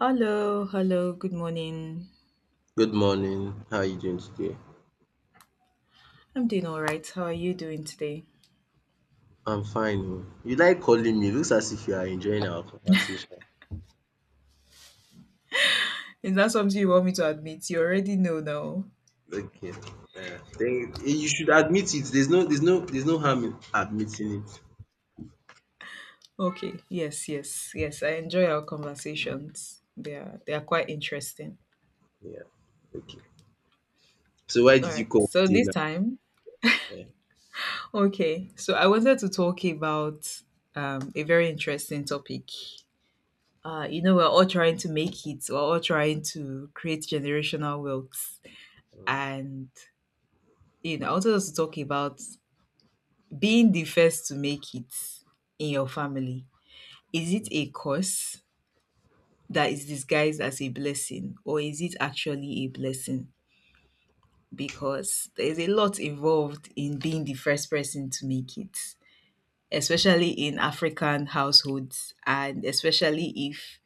Hello, hello, good morning. Good morning. How are you doing today? I'm doing all right. How are you doing today? I'm fine oh. You like calling me. Looks as if you are enjoying our conversation. Is that something you want me to admit? You already know now. Okay. Yeah. Then you should admit it. There's no harm in admitting it. Okay, yes, yes, yes. I enjoy our conversations. They are quite interesting. Yeah. Okay. So why All did you right. call So today this now? time, Yeah. okay. So I wanted to talk about a very interesting topic. We're all trying to make it. We're all trying to create generational wealth, and I wanted us to talk about being the first to make it in your family. Is it a curse that is disguised as a blessing, or is it actually a blessing? Because there's a lot involved in being the first person to make it, especially in African households, and especially if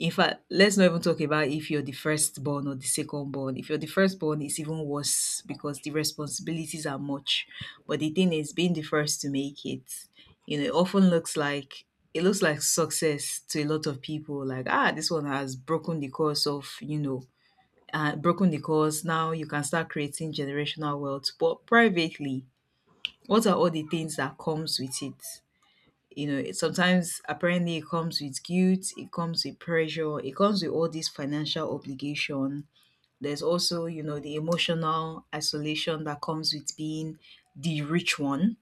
In fact, let's not even talk about if you're the firstborn or the secondborn. If you're the firstborn, it's even worse because the responsibilities are much. But the thing is, being the first to make it, it often looks like it looks like success to a lot of people. Like, ah, this one has broken the course. Now you can start creating generational wealth. But privately, what are all the things that comes with it? Sometimes apparently it comes with guilt, it comes with pressure, it comes with all this financial obligation. There's also the emotional isolation that comes with being the rich one.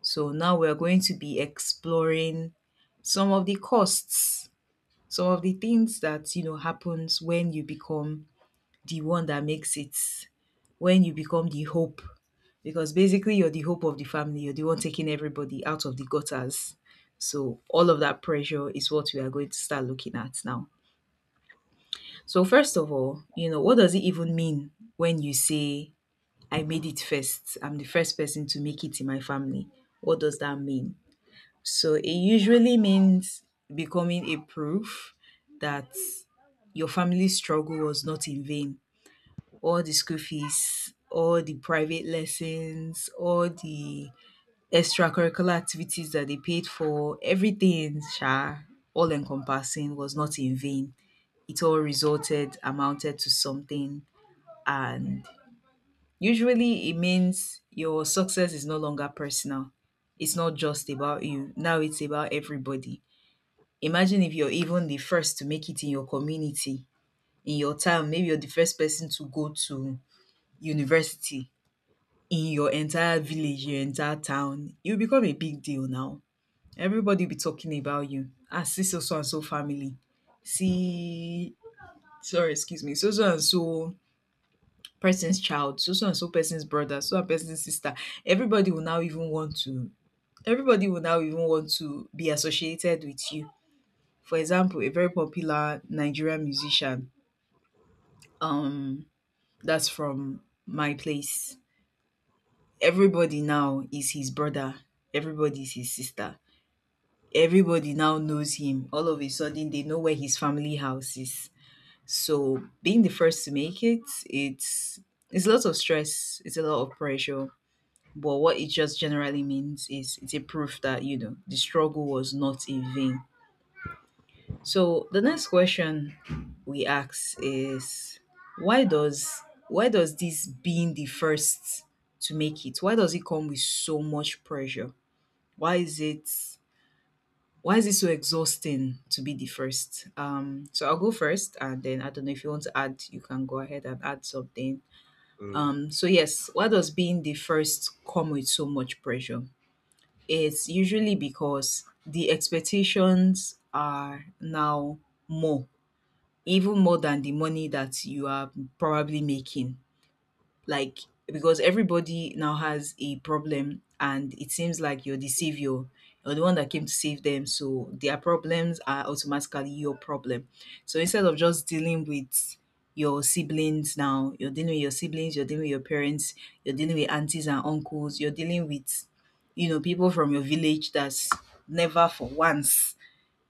So now we're going to be exploring some of the costs, some of the things that happens when you become the one that makes it, when you become the hope. Because basically, you're the hope of the family, you're the one taking everybody out of the gutters. So, all of that pressure is what we are going to start looking at now. So, first of all, what does it even mean when you say, I made it first? I'm the first person to make it in my family. What does that mean? So, it usually means becoming a proof that your family's struggle was not in vain. All the school fees, all the private lessons, all the extracurricular activities that they paid for, everything, sha, all encompassing, was not in vain. It all resulted, amounted to something. And usually it means your success is no longer personal. It's not just about you. Now it's about everybody. Imagine if you're even the first to make it in your community, in your town. Maybe you're the first person to go to university in your entire village, your entire town. You become a big deal now. Everybody will be talking about you. Ah, see, so so and so family. See, sorry, excuse me. So so and so person's child. So so and so person's brother. So and person's sister. Everybody will now even want to. Everybody will now even want to be associated with you. For example, a very popular Nigerian musician. Um, that's from my place. Everybody now is his brother. Everybody is his sister. Everybody now knows him. All of a sudden, they know where his family house is. So being the first to make it, it's it's a lot of stress. It's a lot of pressure. But what it just generally means is it's a proof that the struggle was not in vain. So the next question we ask is why does why does this being the first to make it why does it come with so much pressure? Why is it Why is it so exhausting to be the first? So I'll go first, and then I don't know if you want to add, you can go ahead and add something. Mm. So yes, why does being the first come with so much pressure? It's usually because the expectations are now more, even more than the money that you are probably making, like, because everybody now has a problem, and it seems like you're the savior. You're the one that came to save them, so their problems are automatically your problem. So instead of just dealing with your siblings, now you're dealing with your siblings, you're dealing with your parents, you're dealing with aunties and uncles, you're dealing with people from your village that's never for once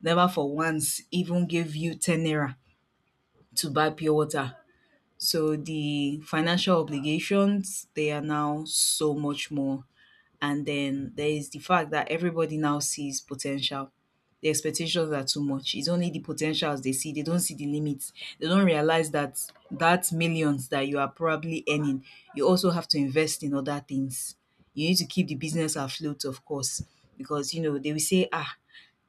never for once even gave you 10 naira to buy pure water. So the financial obligations, they are now so much more. And then there is the fact that everybody now sees potential. The expectations are too much. It's only the potentials they see. They don't see the limits. They don't realize that that millions that you are probably earning, you also have to invest in other things. You need to keep the business afloat, of course, because they will say, ah,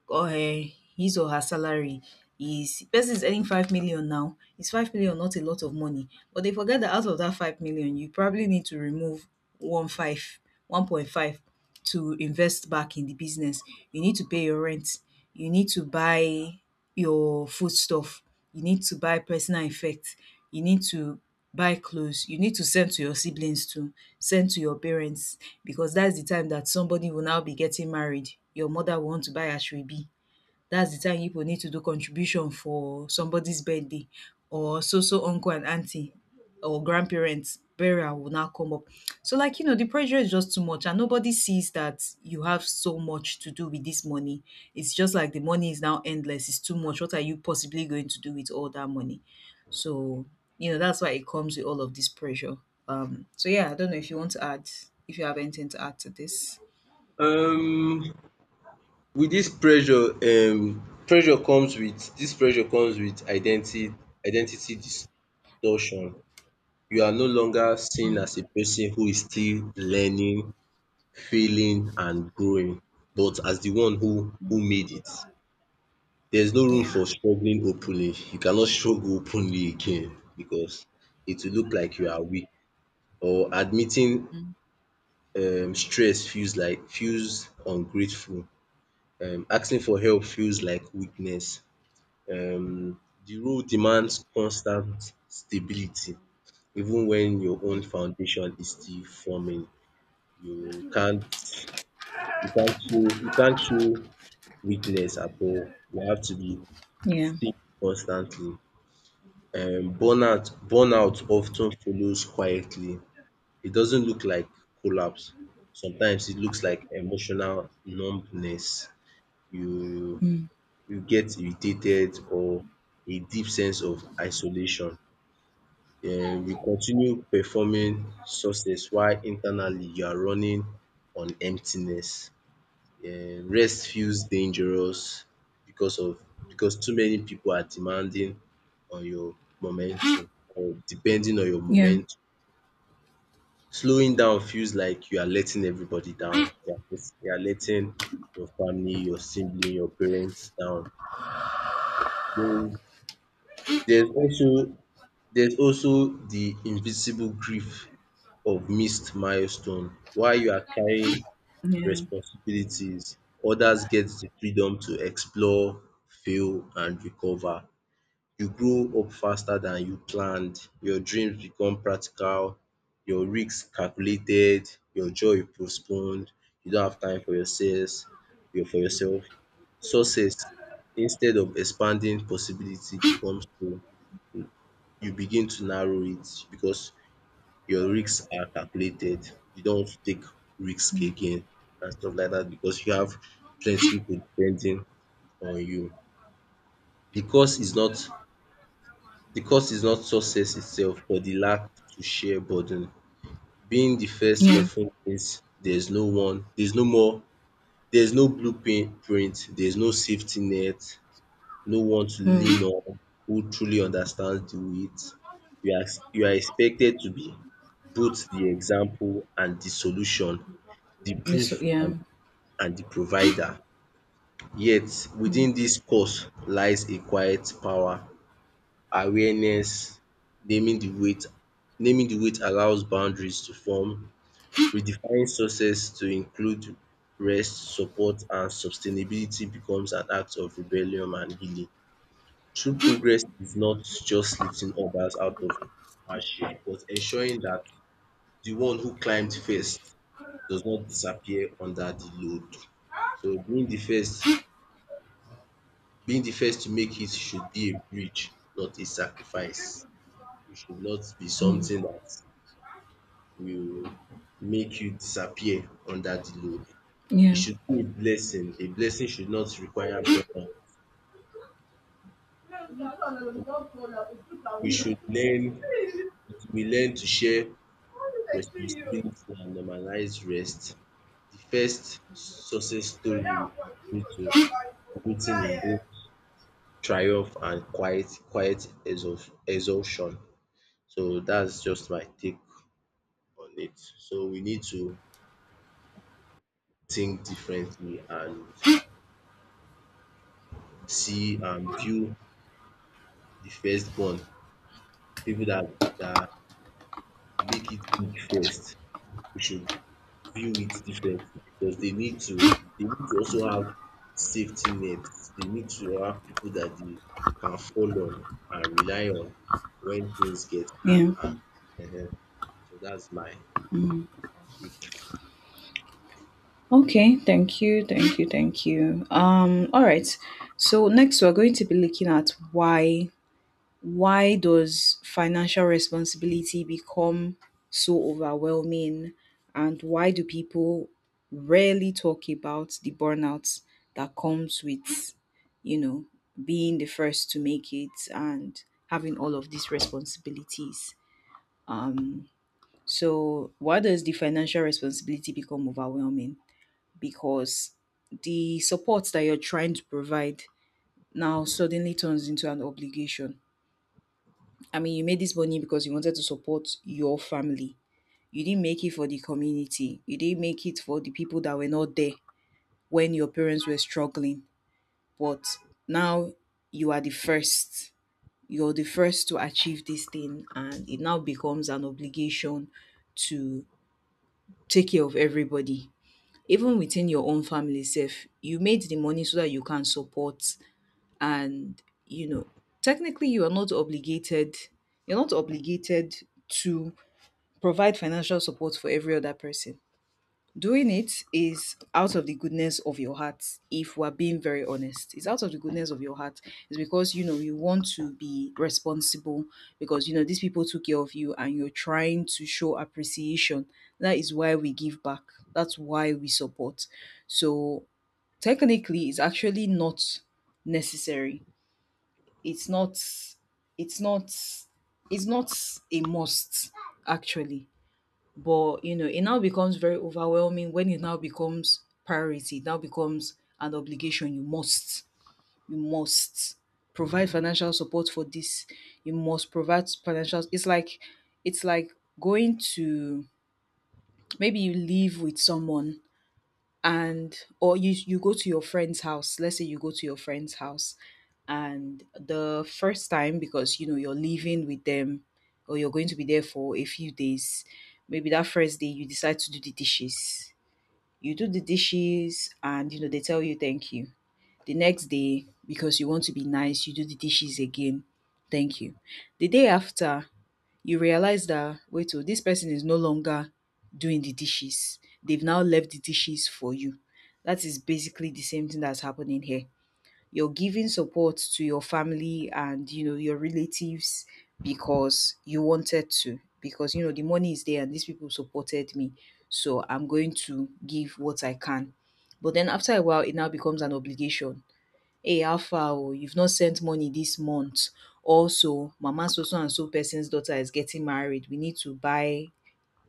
or his or her salary is, person is earning 5 million. Now, is 5 million not a lot of money? But they forget that out of that 5 million you probably need to remove one five 1.5 to invest back in the business. You need to pay your rent, you need to buy your foodstuff, you need to buy personal effects, you need to buy clothes, you need to send to your siblings too, send to your parents, because that's the time that somebody will now be getting married, your mother will want to buy ashwebi. That's the time people need to do contribution for somebody's birthday, or so so uncle and auntie, or grandparents burial will now come up. So like, the pressure is just too much, and nobody sees that you have so much to do with this money. It's just like the money is now endless. It's too much. What are you possibly going to do with all that money? So, that's why it comes with all of this pressure. So yeah, I don't know if you want to add, if you have anything to add to this. Um with this pressure, pressure comes with this pressure comes with identity distortion. You are no longer seen as a person who is still learning, failing and growing, but as the one who made it. There's no room Yeah. for struggling openly. You cannot struggle openly again because it will look like you are weak or admitting. Mm. Stress feels like feels ungrateful. Asking for help feels like weakness. Um the role demands constant stability even when your own foundation is still forming. You can't you can't show weakness at all. We have to be Yeah. stay constantly. Burnout often follows quietly. It doesn't look like collapse. Sometimes it looks like emotional numbness. You Mm. you get irritated or a deep sense of isolation. You continue performing success while internally you are running on emptiness. Rest feels dangerous because of because too many people are demanding on your momentum or depending on your Yeah. momentum. Slowing down feels like you are letting everybody down. You are letting your family, your sibling, your parents down. Then There's also there's also the invisible grief of missed milestone, while you are carrying responsibilities. Others get the freedom to explore, fail and recover. You grow up faster than you planned. Your dreams become practical, your risks calculated, your joy postponed. You don't have time for yourself. For yourself. Success, instead of expanding possibility, becomes to you begin to narrow it, because your risks are calculated. You don't take risk again and stuff like that because you have plenty people depending on you. The cost is not the cost is not success itself, but the lack to share burden. Being the first Yeah. often means there's no blueprint, there's no safety net, no one to lean Mm. on who truly understands the weight. You are you are expected to be both the example and the solution, the This, proof yeah, and the provider. Yet within this cause lies a quiet power: awareness. naming the weight Naming the weight allows boundaries to form. Redefining success to include rest, support and sustainability becomes an act of rebellion and healing. True progress is not just lifting others out of hardship, but ensuring that the one who climbed first does not disappear under the load. So being the first to make it should be a bridge, not a sacrifice. It should not be something that will make you disappear under the load. It yeah. should be a blessing. A blessing should not require burden. We should learn, we learn to share responsibility and normalize rest. The first success story we are point to written in book triumph and quiet exhaustion. So that's just my take on it. So we need to think differently and see and view the firstborn, people that make it big first. We should view it differently because they need to also have safety nets. They need to have people that they can fall on and rely on when things get hard, Yeah. and so that's my. Okay. Thank you. Thank you. Thank you. All right. So next, we're going to be looking at why does financial responsibility become so overwhelming, and why do people rarely talk about the burnout that comes with you know being the first to make it and having all of these responsibilities. So why does the financial responsibility become overwhelming? Because the support that you're trying to provide now suddenly turns into an obligation. I mean, you made this money because you wanted to support your family. You didn't make it for the community. You didn't make it for the people that were not there when your parents were struggling. But now you are the first. You're the first to achieve this thing, and it now becomes an obligation to take care of everybody. Even within your own family self, you made the money so that you can support, and technically, you're not obligated to provide financial support for every other person. Doing it is out of the goodness of your heart. If we're being very honest, it's out of the goodness of your heart. It's because you want to be responsible, because these people took care of you and you're trying to show appreciation. That is why we give back. That's why we support. So technically, it's actually not necessary. It's not. It's not. It's not a must, actually. But it now becomes very overwhelming when it now becomes priority, it now becomes an obligation. You must provide financial support for this. You must provide financial It's like going to maybe you live with someone. And or you you go to your friend's house let's say you go to your friend's house, and the first time, because you're living with them, or you're going to be there for a few days, maybe that first day you decide to do the dishes. You do the dishes, and they tell you thank you. The next day, because you want to be nice, you do the dishes again. Thank you. The day after, you realise that, wait, oh, this person is no longer doing the dishes. They've now left the dishes for you. That is basically the same thing that's happening here. You're giving support to your family and your relatives, because you wanted to, because the money is there and these people supported me, so I'm going to give what I can. But then after a while, it now becomes an obligation. Hey, how far, oh, you've not sent money this month. Also mama, so so and so person's daughter is getting married, we need to buy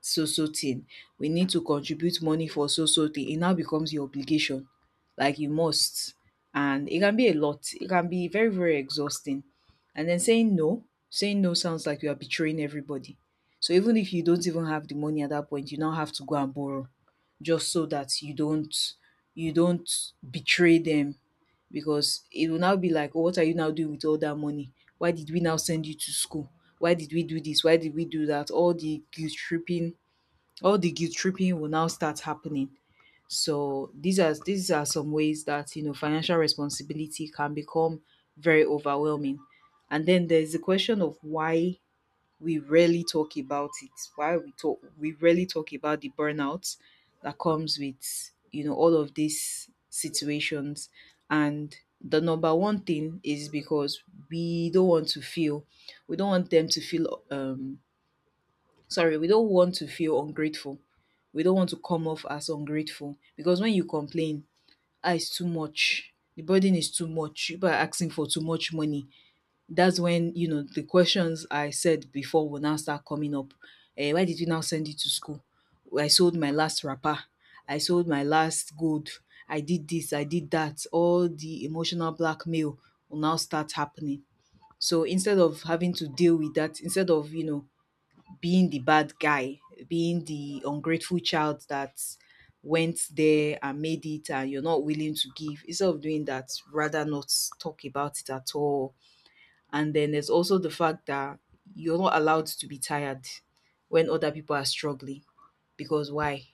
so so thing, we need to contribute money for so so thing. It now becomes your obligation. Like, you must. And it can be a lot. It can be very, very exhausting. And then saying no sounds like you are betraying everybody. So even if you don't even have the money at that point, you now have to go and borrow just so that you don't betray them, because it will now be like, oh, what are you now doing with all that money? Why did we now send you to school? Why did we do this? Why did we do that? All the guilt tripping will now start happening. So these are some ways that financial responsibility can become very overwhelming. And then there's the question of why we rarely talk about it. Why we rarely talk about the burnout that comes with all of these situations. And the number one thing is because we don't want to feel, we don't want them to feel, sorry, we don't want to feel ungrateful. We don't want to come off as ungrateful, because when you complain, ah, it's too much, the burden is too much, people are asking for too much money, that's when, the questions I said before will now start coming up. Eh, why did you now send it to school? I sold my last wrapper. I sold my last gold. I did this, I did that. All the emotional blackmail will now start happening. So instead of having to deal with that, instead of, being the bad guy, being the ungrateful child that went there and made it and you're not willing to give, instead of doing that, rather not talk about it at all. And then there's also the fact that you're not allowed to be tired when other people are struggling. Because why?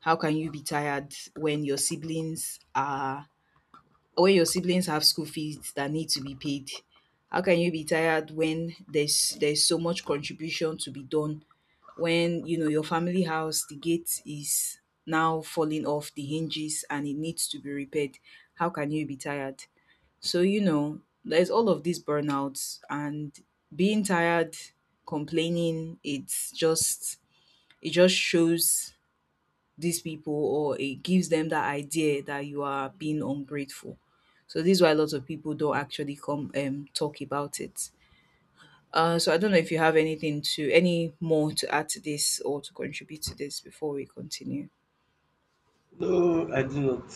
How can you be tired when your siblings have school fees that need to be paid? How can you be tired when there's so much contribution to be done? When you know your family house, the gate is now falling off the hinges and it needs to be repaired. How can you be tired? So there's all of these burnouts, and being tired, complaining, it's just it just shows these people, or it gives them that idea, that you are being ungrateful. So this is why a lot of people don't actually come talk about it. So I don't know if you have any more to add to this, or to contribute to this, before we continue. No, I do not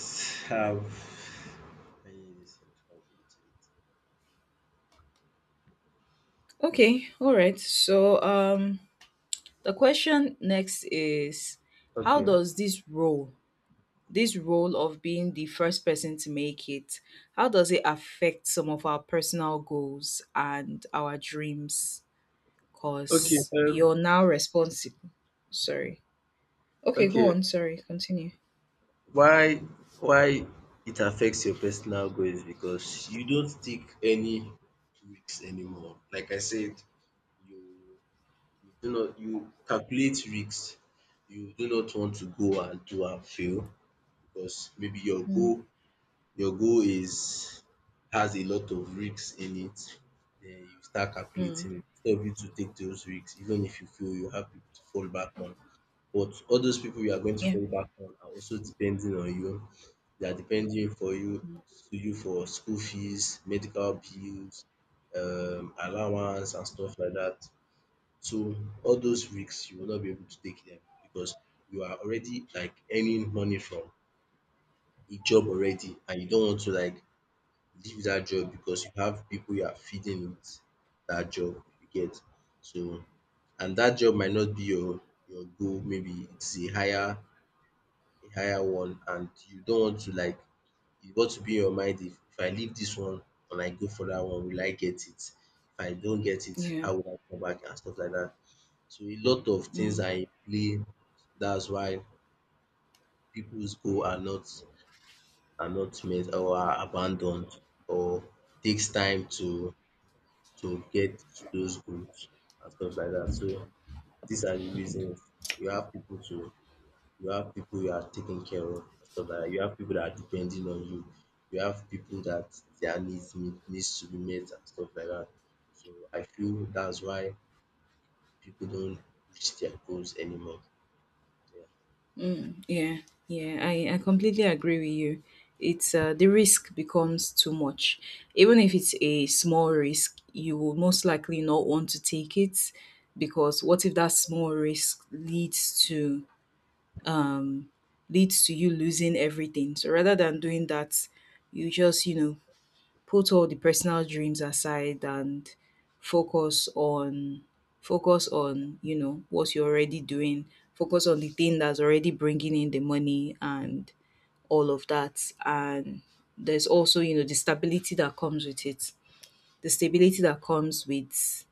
have any recent conflict to Okay, all right. So the question next is, it. how Okay. It. does this role of being the first person to make it, how does it affect some of our personal goals and our dreams, because Okay. You're now responsible. Sorry. Okay, go okay. on. Sorry, continue. Why why it affects your personal growth is because you don't take any risks anymore. Like I said, you you calculate risks. You do not want to go and do and fail, because maybe Mm. Your goal is has a lot of risks in it, then you start Mm. calculating it. Instead of you to take those risks, even if you fail, you have people to fall back on. But all those people you are going to Yeah. fall back on are also depending on you. They are depending for you to you for school fees, medical bills, allowance and stuff like that. So all those risks you will not be able to take them, because you are already like earning money from a job already and you don't want to like leave that job, because you have people you are feeding with that job, you get. So, and that job might not be your goal, maybe it's a higher one and you don't want to like, you want to be in your mind, if I leave this one and I go for that one, will I get it? If I don't get it, Yeah. how will I come back and stuff like that. So a lot of things Mm. are in play. That's why people's goal are not met, or are abandoned, or takes time to get those goods and stuff like that. So these are the reasons. you have people to you have people you are taking care of and stuff like that. You have people that are depending on you. You have people that needs to be met and stuff like that. So I feel that's why people don't reach their goals anymore. Yeah. Yeah. Yeah. I completely agree with you. It's The risk becomes too much. Even if it's a small risk, you will most likely not want to take it, because what if that small risk um leads to you losing everything? So rather than doing that, you just, put all the personal dreams aside and focus on focus on what you're already doing, focus on the thing that's already bringing in the money and all of that, and there's also the stability that comes with it, the stability that comes with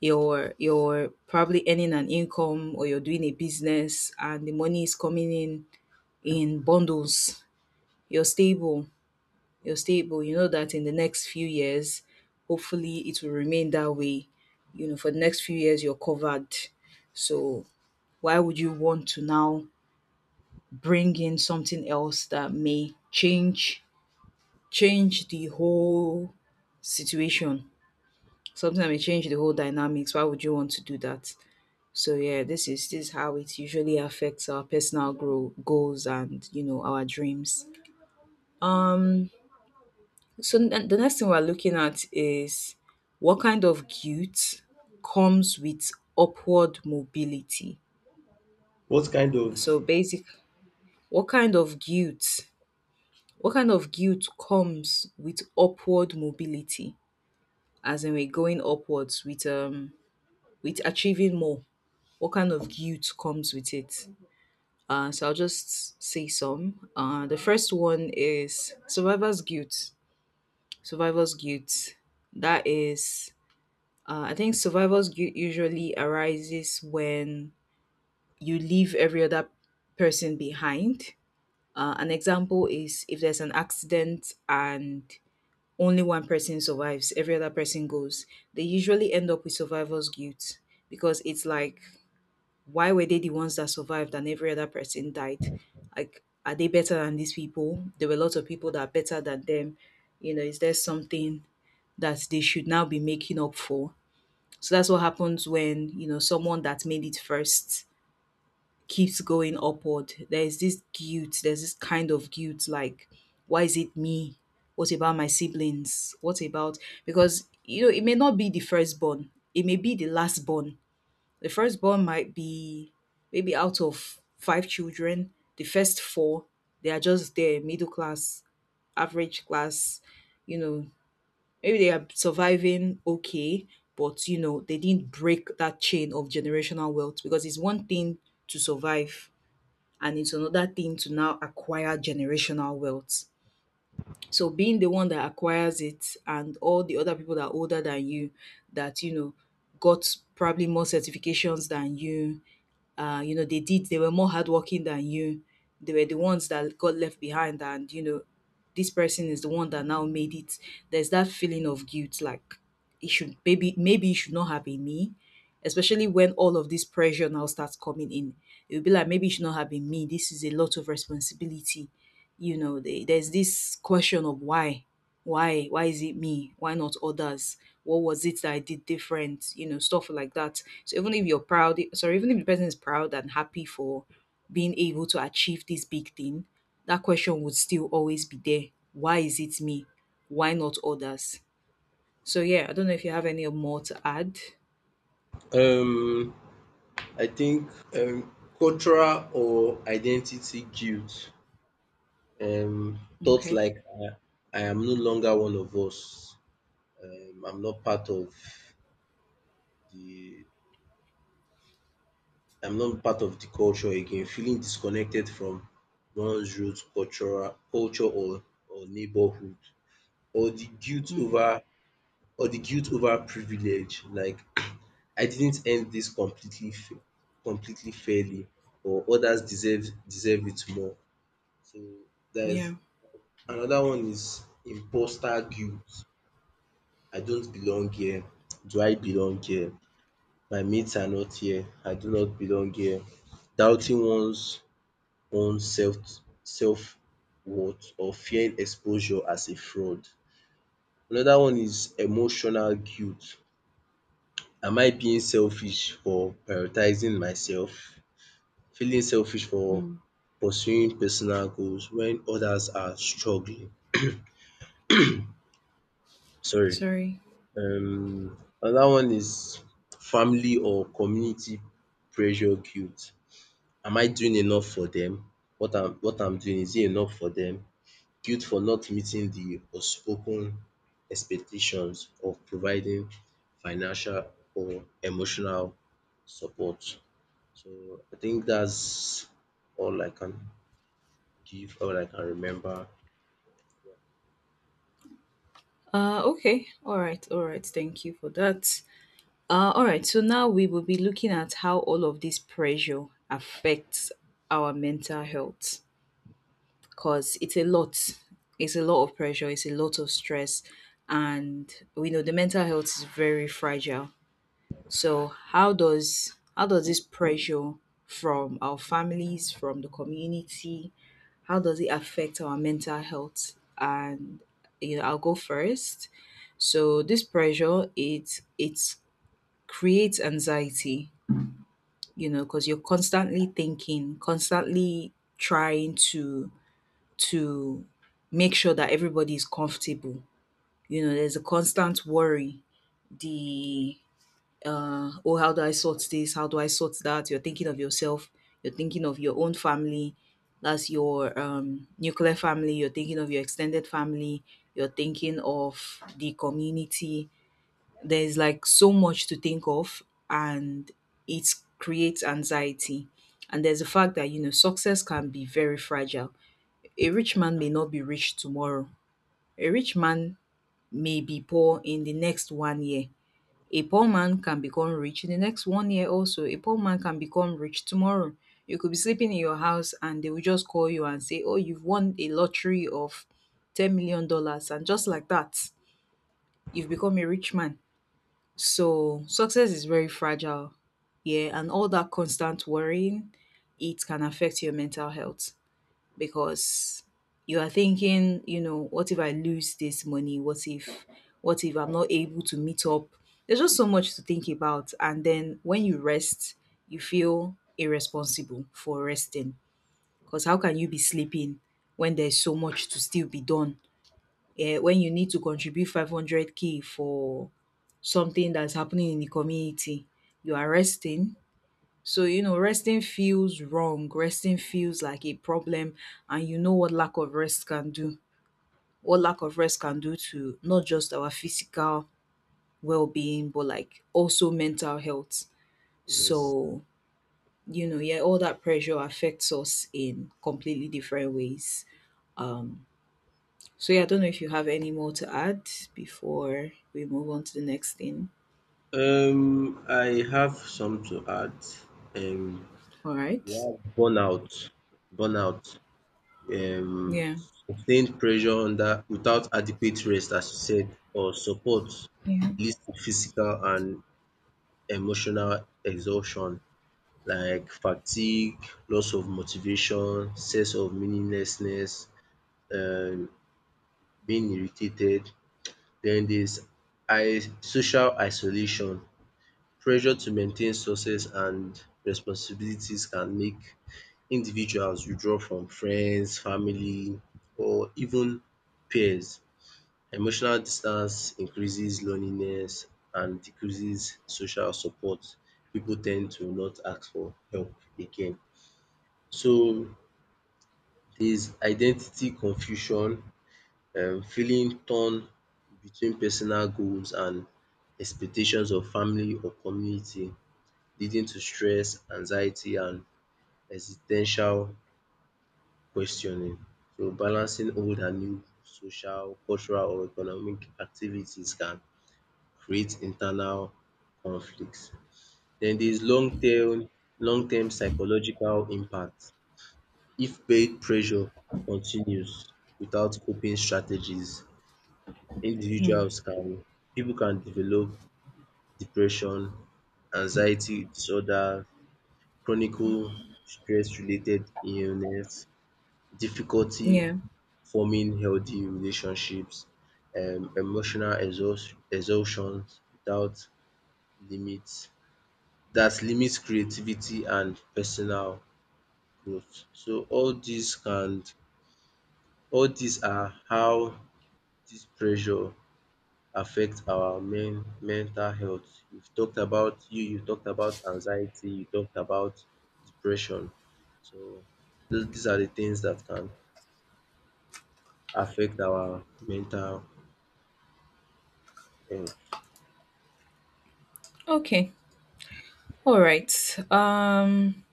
your probably earning an income or you're doing a business and the money is coming in bundles, you're stable, you're stable. You know that in the next few years, hopefully it will remain that way. You know, for the next few years, you're covered. So why would you want to now bring in something else that may change the whole situation? Something that may change the whole dynamics. Why would you want to do that? So yeah, this is how it usually affects our personal grow goals and our dreams. Um So the next thing we're looking at is, what kind of guilt comes with upward mobility? What kind of. So basic, what kind of guilt? What kind of guilt comes with upward mobility? As in, we're going upwards with achieving more. What kind of guilt comes with it? So I'll just say some. The first one is survivor's guilt. Survivor's guilt. That is I think survivors usually arises when you leave every other person behind. An example is, if there's an accident and only one person survives, every other person goes, they usually end up with survivor's guilt, because it's like, why were they the ones that survived, and every other person died? Like, are they better than these people? There were lots of people that are better than them. Is there something that they should now be making up for? So that's what happens when, someone that made it first keeps going upward. There's this kind of guilt, like, why is it me? What about my siblings? What about because it may not be the firstborn, it may be the lastborn. The firstborn might be maybe out of five children, the first four, they are just there, middle class, average class, you know, maybe they are surviving okay, but they didn't break that chain of generational wealth, because it's one thing to survive and it's another thing to now acquire generational wealth. So being the one that acquires it, and all the other people that are older than you, that, got probably more certifications than you, they were more hardworking than you, they were the ones that got left behind, and, this person is the one that now made it, there's that feeling of guilt, like it should, maybe it should not have been me. Especially when all of this pressure now starts coming in, it'll be like, maybe it should not have been me, this is a lot of responsibility. There's this question of why is it me, why not others, what was it that I did different? Stuff like that. So even if you're proud, sorry, even if the person is proud and happy for being able to achieve this big thing, that question would still always be there. Why is it me? Why not others? So yeah, I don't know if you have any more to add. Um I think um cultural or identity guilt, um, thoughts Okay. like I am no longer one of us. Um, I'm not part of the I'm not part of the culture again. Feeling disconnected from one's roots, cultural culture or neighborhood, or the guilt Mm. over or the guilt over privilege. Like I didn't end this completely fairly, or others deserve it more. So Yeah. there's another one: is imposter guilt. I don't belong here, Do I belong here? My mates are not here, I do not belong here. Doubting one's own self self-worth, or fearing exposure as a fraud. Another one is emotional guilt. Am I being selfish for prioritizing myself? Feeling selfish for Mm. pursuing personal goals when others are struggling. Sorry. Sorry. um Another one is family or community pressure guilt. Am I doing enough for them? What I'm doing, is it enough for them? Guilt for not meeting the unspoken expectations of providing financial or emotional support. So I think that's all I can all I can remember. Okay, all right, all right, thank you for that. All right, so now we will be looking at how all of this pressure affects our mental health, because it's a lot. It's a lot of pressure, it's a lot of stress, and we know the mental health is very fragile. So how does this pressure from our families, from the community, how does it affect our mental health? And I'll go first. So this pressure, it creates anxiety, because you're constantly thinking, constantly trying to make sure that everybody is comfortable. There's a constant worry, the uh oh, how do I sort this, how do I sort that, you're thinking of yourself, you're thinking of your own family, that's your nuclear family, you're thinking of your extended family, you're thinking of the community, there's like so much to think of, and it creates anxiety. And there's the fact that, success can be very fragile. A rich man may not be rich tomorrow. A rich man may be poor in the next one year. A poor man can become rich in the next one year also. A poor man can become rich tomorrow. You could be sleeping in your house, and they will just call you and say, "Oh, you've won a lottery of $10 million dollars." And just like that, you've become a rich man, so success is very fragile. Yeah, and all that constant worrying, it can affect your mental health, because you are thinking, what if I lose this money? What if I'm not able to meet up? There's just so much to think about. And then, when you rest, you feel irresponsible for resting. Because how can you be sleeping when there's so much to still be done? Yeah, when you need to contribute 500K for something that's happening in the community, you are resting. So, resting feels wrong. Resting feels like a problem. And you know what lack of rest can do. What lack of rest can do to not just our physical well being, but like also mental health. Yes. So, yeah, all that pressure affects us in completely different ways. Um, so yeah, I don't know if you have any more to add before we move on to the next thing. I have some to add. Um All We right. have burnout, um Yeah. sustained pressure under without adequate rest, as you said, or support, Yeah. leads to physical and emotional exhaustion, like fatigue, loss of motivation, sense of meaninglessness, um being irritated. Then there's social isolation. Pressure to maintain success and responsibilities can make individuals you draw from friends, family or even peers. Emotional distance increases loneliness and decreases social support. People tend to not ask for help again. So there is identity confusion, feeling torn between personal goals and expectations of family or community, leading to stress, anxiety and ex questioning. So balancing old and new social, cultural or economic activities can create internal conflict. Den there is long term psychological impact. If peer pressure continues without coping strategies, Hmm. individuals can pipu can develop depression, anxiety disorder, chronicle stress related illness, difficulty Yeah. forming healthy relationships, emotional exhaustion without limits that limits creativity and personal growth. So all these can all these are how this pressure affect our mental health. We've talked about, you talked about anxiety, you talked about depression. So those these are the things that can affect our mental health. Okay. All right.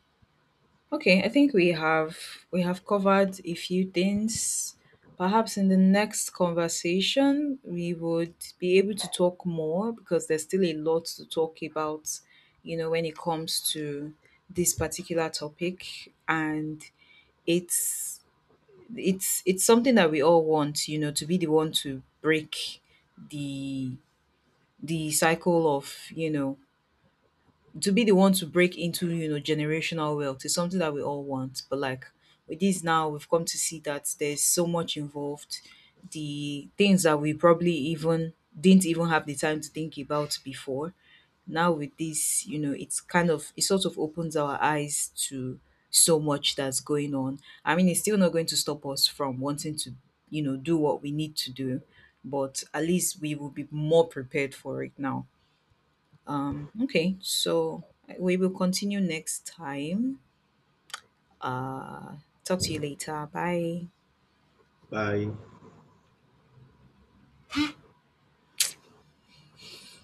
Okay, I think we have covered a few things. Perhaps in the next conversation we would be able to talk more, because there's still a lot to talk about, when it comes to this particular topic, and it's it's something that we all want, to be the one to break the the cycle of, to be the one to break into, generational wealth is something that we all want. But like, with this now, we've come to see that there's so much involved, the things that we probably even didn't even have the time to think about before, now with this, it sort of opens our eyes to so much that's going on. I mean, it's still not going to stop us from wanting to, do what we need to do, but at least we will be more prepared for it now. Okay, so we will continue next time. Uh, Talk to you later. Bye. Bye.